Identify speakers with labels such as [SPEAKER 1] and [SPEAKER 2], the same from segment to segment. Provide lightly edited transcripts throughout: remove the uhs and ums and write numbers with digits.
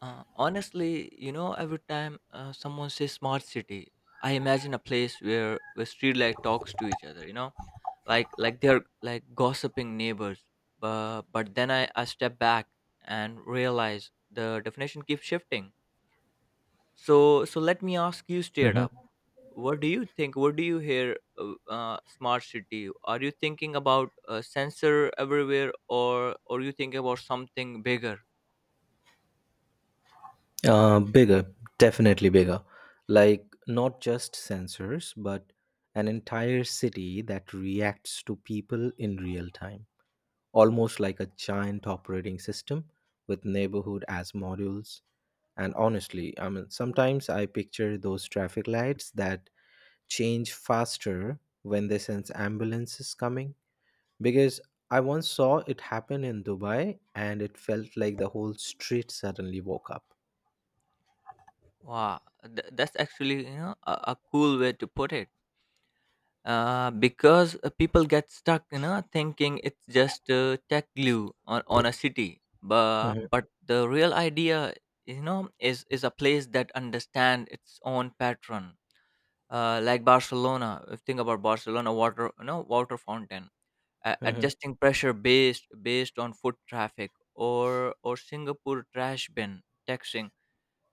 [SPEAKER 1] Honestly, every time someone says smart city. I imagine a place where streetlight talks to each other. Like they're like gossiping neighbors. But then I step back and realize the definition keeps shifting. So let me ask you straight
[SPEAKER 2] Mhm.
[SPEAKER 1] up. What do you think? What do you hear? Smart city. Are you thinking about sensor everywhere, or you think about something bigger?
[SPEAKER 2] Bigger, definitely bigger. Like not just sensors, but an entire city that reacts to people in real time, almost like a giant operating system with neighborhood as modules. And honestly, I mean, sometimes I picture those traffic lights that change faster when they sense ambulances coming because I once saw it happen in Dubai, and it felt like the whole street suddenly woke up.
[SPEAKER 1] Wow, that's actually a cool way to put it. Because people get stuck, thinking it's just tech glue on a city. But
[SPEAKER 2] Mhm.
[SPEAKER 1] but the real idea, is a place that understand its own pattern. Like Barcelona, if think about Barcelona water, water fountain,
[SPEAKER 2] Mhm.
[SPEAKER 1] adjusting pressure based on foot traffic, or Singapore trash bin taxing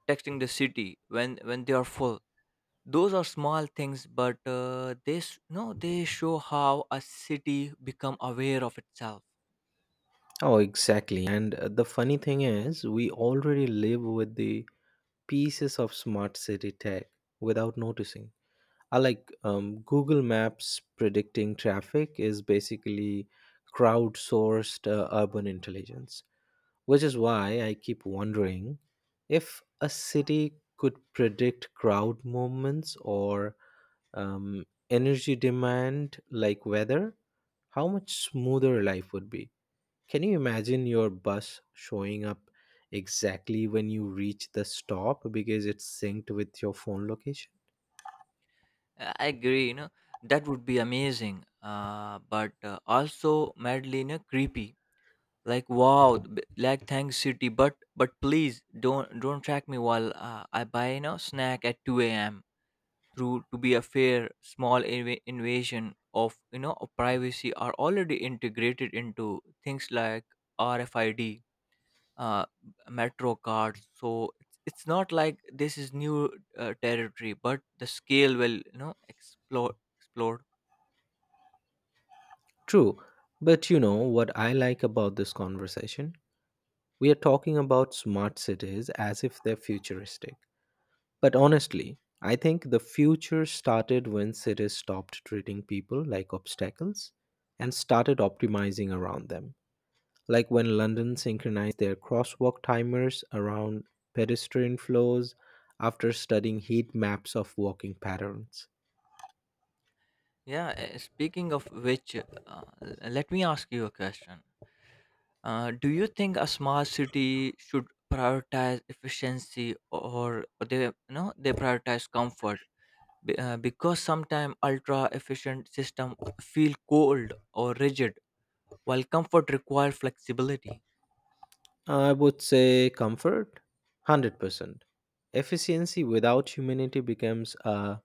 [SPEAKER 1] texting the city when they are full. Those are small things, but they s- no they show how a city become aware of itself.
[SPEAKER 2] Oh, exactly. And the funny thing is, we already live with the pieces of smart city tech without noticing. I like Google Maps predicting traffic is basically crowdsourced urban intelligence, which is why I keep wondering if a city could predict crowd movements or um, energy demand like weather, how much smoother life would be. Can you imagine your bus showing up exactly when you reach the stop because it's synced with your phone location?
[SPEAKER 1] I agree, that would be amazing, but also madly creepy. Like wow, like thanks city, but please don't track me while I buy snack at 2 a.m. Through to be a fair small invasion of of privacy are already integrated into things like RFID uh, metro cards. So it's not like this is new territory, but the scale will explode. Explode.
[SPEAKER 2] True, but you know what I like about this conversation? We are talking about smart cities as if they're futuristic. But honestly, I think the future started when cities stopped treating people like obstacles and started optimizing around them. Like when London synchronized their crosswalk timers around pedestrian flows after studying heat maps of walking patterns.
[SPEAKER 1] Yeah. Speaking of which, let me ask you a question. Do you think a smart city should prioritize efficiency, or they you know they prioritize comfort? Because sometimes ultra efficient system feel cold or rigid, while comfort require flexibility.
[SPEAKER 2] I would say comfort 100%. Efficiency without humanity becomes a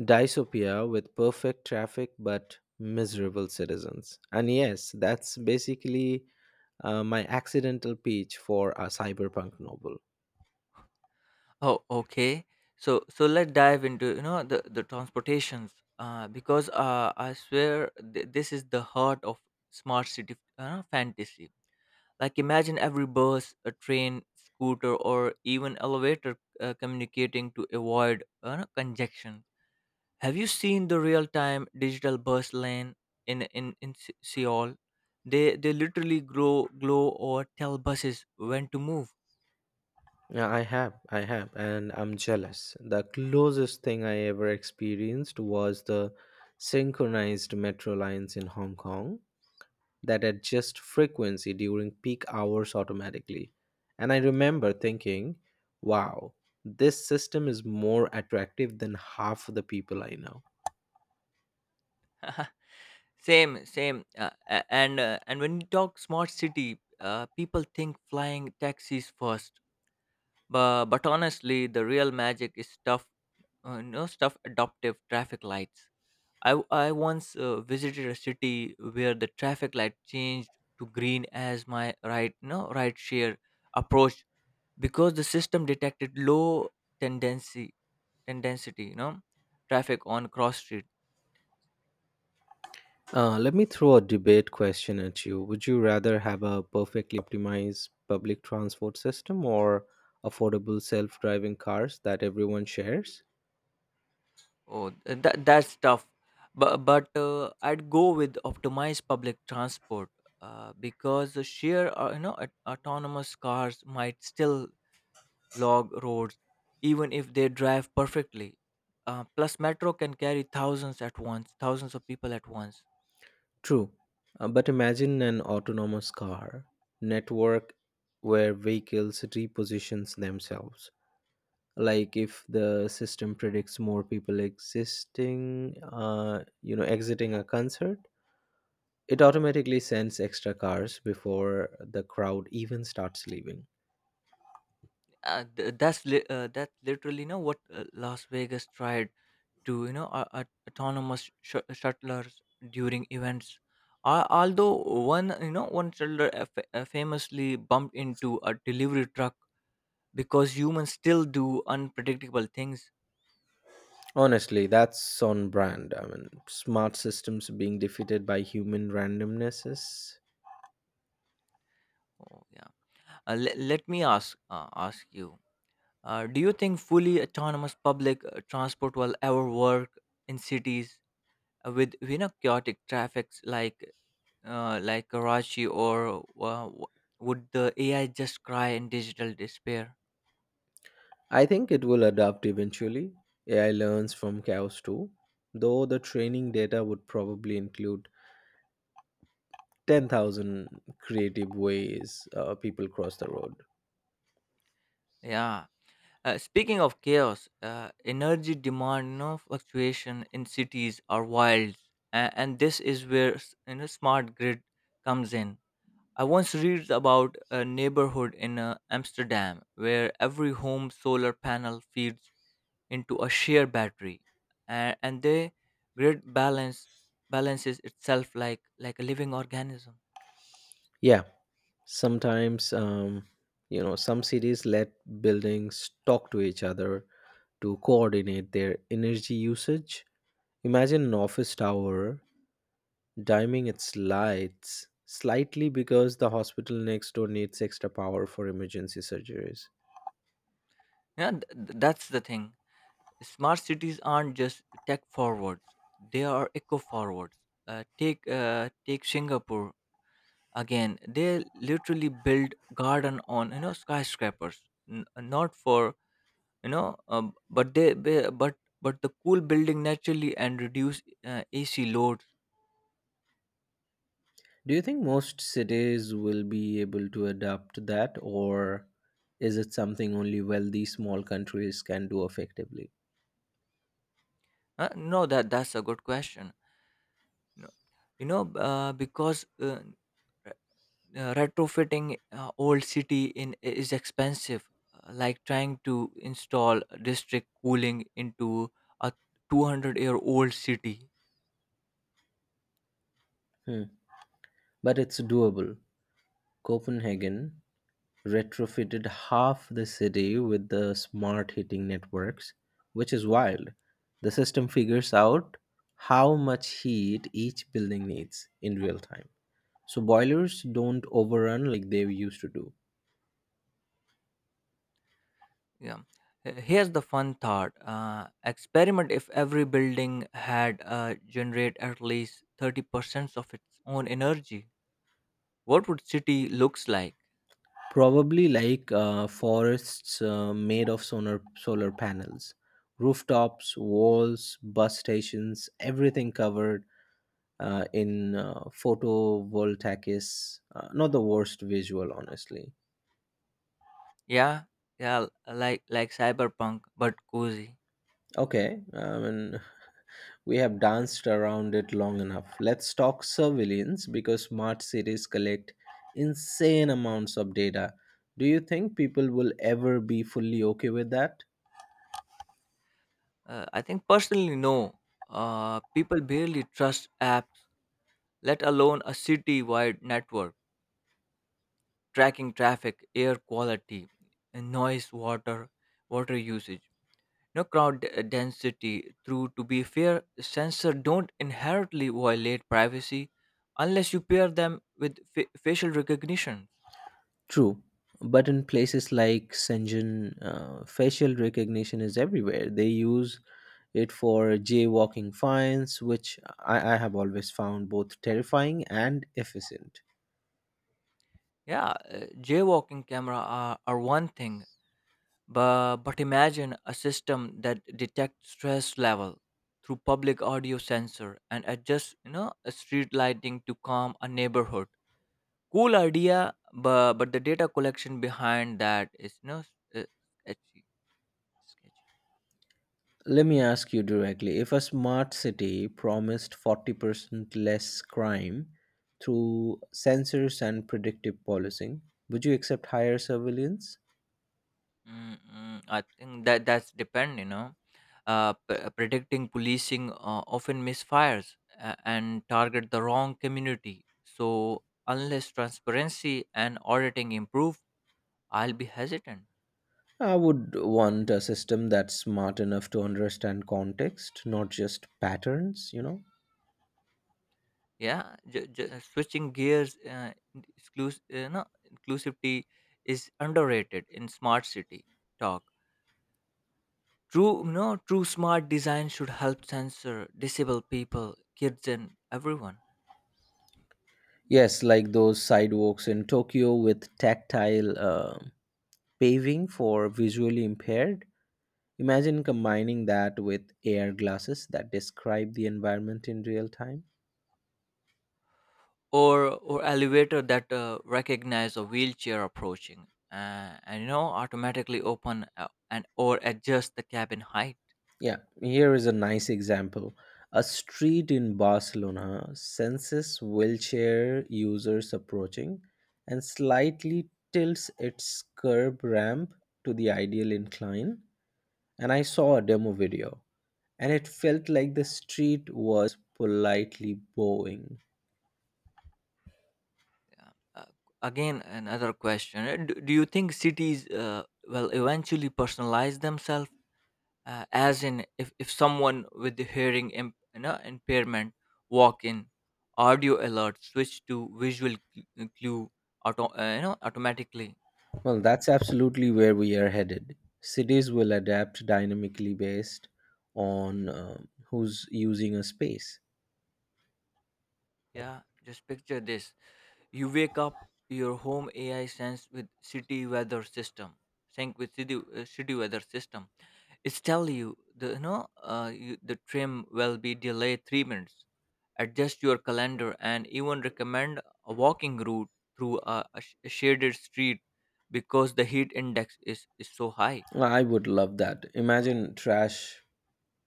[SPEAKER 2] dystopia with perfect traffic but miserable citizens. And yes, that's basically my accidental pitch for a cyberpunk novel.
[SPEAKER 1] Oh, okay. So let's dive into the transportations because I swear this is the heart of smart city fantasy. Like imagine every bus, a train, scooter, or even elevator communicating to avoid congestion. Have you seen the real time digital bus lane in Seoul? They literally grow glow or tell buses when to move.
[SPEAKER 2] Yeah, I have, and I'm jealous. The closest thing I ever experienced was the synchronized metro lines in Hong Kong that adjust frequency during peak hours automatically. And I remember thinking, wow, this system is more attractive than half of the people I know.
[SPEAKER 1] Same, same. And when you talk smart city, people think flying taxis first. But honestly, the real magic is stuff, no stuff. Adaptive traffic lights. I once visited a city where the traffic light changed to green as my right no right share approached because the system detected low tendency tendensity traffic on cross streets.
[SPEAKER 2] Let me throw a debate question at you. Would you rather have a perfectly optimized public transport system or affordable self driving cars that everyone shares?
[SPEAKER 1] Oh, that's tough. But I'd go with optimized public transport because the sheer autonomous cars might still log roads even if they drive perfectly. Plus, metro can carry thousands at once, thousands of people at once.
[SPEAKER 2] True. But imagine an autonomous car network where vehicles repositions themselves. Like if the system predicts more people existing, exiting a concert, it automatically sends extra cars before the crowd even starts leaving.
[SPEAKER 1] That's literally what Las Vegas tried to autonomous shuttlers during events. Although one you know one shuttler famously bumped into a delivery truck because humans still do unpredictable things.
[SPEAKER 2] Honestly, that's on brand. I mean, smart systems being defeated by human randomnesses.
[SPEAKER 1] Oh, yeah. Let me ask you. Do you think fully autonomous public transport will ever work in cities with chaotic traffics like Karachi or would the AI just cry in digital despair?
[SPEAKER 2] I think it will adapt eventually. AI learns from chaos too, though the training data would probably include 10,000 creative ways people cross the road.
[SPEAKER 1] Yeah. Speaking of chaos, energy demand, fluctuation in cities are wild, and this is where smart grid comes in. I once read about a neighborhood in Amsterdam where every home solar panel feeds into a share battery, and the grid balance balances itself like a living organism.
[SPEAKER 2] Yeah, sometimes, some cities let buildings talk to each other to coordinate their energy usage. Imagine an office tower dimming its lights slightly because the hospital next door needs extra power for emergency surgeries.
[SPEAKER 1] Yeah, that's the thing. Smart cities aren't just tech forwards; they are eco forwards. Take Singapore again. They literally build garden on skyscrapers. Not for but they but the cool building naturally and reduce AC loads.
[SPEAKER 2] Do you think most cities will be able to adapt that, or is it something only wealthy small countries can do effectively?
[SPEAKER 1] No, that's a good question. No, because retrofitting old city in is expensive. Like trying to install district cooling into a 200-year-old city.
[SPEAKER 2] Hmm. But it's doable. Copenhagen retrofitted half the city with the smart heating networks, which is wild. The system figures out how much heat each building needs in real time, so boilers don't overrun like they used to do.
[SPEAKER 1] Yeah. Here's the fun thought experiment. If every building had generate at least 30% of its own energy, what would city looks like?
[SPEAKER 2] Probably like forests made of solar panels, rooftops, walls, bus stations, everything covered in photovoltaics. Not the worst visual, honestly.
[SPEAKER 1] Yeah, yeah. Like cyberpunk but cozy.
[SPEAKER 2] Okay, I mean, we have danced around it long enough. Let's talk surveillance because smart cities collect insane amounts of data. Do you think people will ever be fully okay with that?
[SPEAKER 1] I think personally no. People barely trust apps, let alone a city wide network tracking traffic, air quality, and noise, water, water usage. No crowd density. Through to be fair, sensor don't inherently violate privacy unless you pair them with facial recognition.
[SPEAKER 2] True. But in places like Shenzhen, facial recognition is everywhere. They use it for jaywalking fines, which I have always found both terrifying and efficient.
[SPEAKER 1] Yeah. Jaywalking camera are one thing, but imagine a system that detects stress level through public audio sensor and adjusts a street lighting to calm a neighborhood. Cool idea, but the data collection behind that is no s- sketchy. Sketchy.
[SPEAKER 2] Let me ask you directly, if a smart city promised 40% less crime through sensors and predictive policing, would you accept higher surveillance?
[SPEAKER 1] Mm-mm, I think that's depend. Predicting policing often misfires and target the wrong community. So unless transparency and auditing improve, I'll be hesitant.
[SPEAKER 2] I would want a system that's smart enough to understand context, not just patterns, you know?
[SPEAKER 1] Yeah. Switching gears, exclusive, no, inclusivity is underrated in smart city talk. True. True smart design should help censor disabled people, kids, and everyone.
[SPEAKER 2] Yes, like those sidewalks in Tokyo with tactile paving for visually impaired. Imagine combining that with AR glasses that describe the environment in real time.
[SPEAKER 1] Or elevator that recognize a wheelchair approaching, and automatically open and or adjust the cabin height.
[SPEAKER 2] Yeah, here is a nice example. A street in Barcelona senses wheelchair users approaching and slightly tilts its curb ramp to the ideal incline. And I saw a demo video, and it felt like the street was politely bowing.
[SPEAKER 1] Uh, uh, Again, another question: do you think cities will eventually personalize themselves as in, if someone with the hearing impairment walk in, audio alert switch to visual clue automatically?
[SPEAKER 2] Well, that's absolutely where we are headed. Cities will adapt dynamically based on who's using a space.
[SPEAKER 1] Yeah, just picture this. You wake up, your home ai sense with city weather system sync with city weather system. It's tell you the you know you, the trim will be delayed 3 minutes. Adjust your calendar and even recommend a walking route through a shaded street because the heat index is so high.
[SPEAKER 2] I would love that. Imagine trash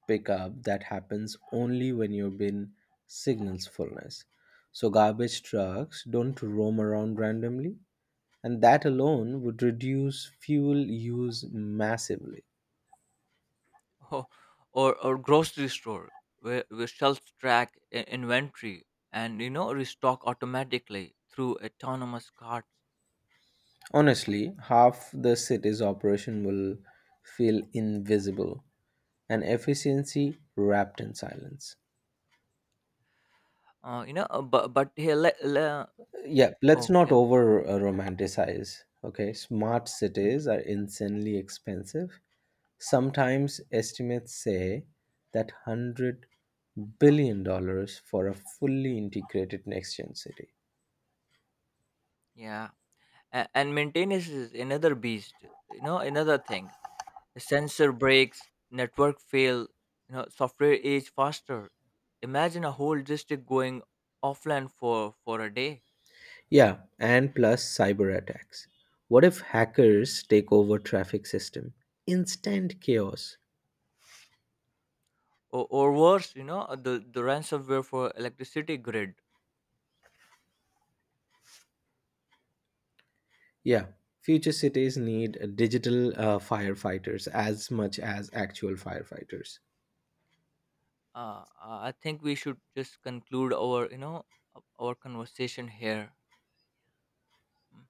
[SPEAKER 2] pickup that happens only when you've been signals fullness. So garbage trucks don't roam around randomly, and that alone would reduce fuel use massively.
[SPEAKER 1] Or or grocery store where shelves track inventory and restock automatically through autonomous carts.
[SPEAKER 2] Honestly, half the city's operation will feel invisible and efficiency wrapped in silence.
[SPEAKER 1] But here
[SPEAKER 2] Yeah, let's not
[SPEAKER 1] okay,
[SPEAKER 2] over romanticize. Okay, smart cities are insanely expensive. Sometimes estimates say that $100 billion dollars for a fully integrated next-gen city.
[SPEAKER 1] yeah, and maintenance is another beast. Another thing sensor breaks, network fail, software age faster. Imagine a whole district going offline for a day,
[SPEAKER 2] Yeah, and plus cyber attacks. What if hackers take over traffic system? Instant chaos.
[SPEAKER 1] or worse, the ransomware for electricity grid.
[SPEAKER 2] Yeah, future cities need digital firefighters as much as actual firefighters.
[SPEAKER 1] I think we should just conclude our you know our conversation here. Hmm.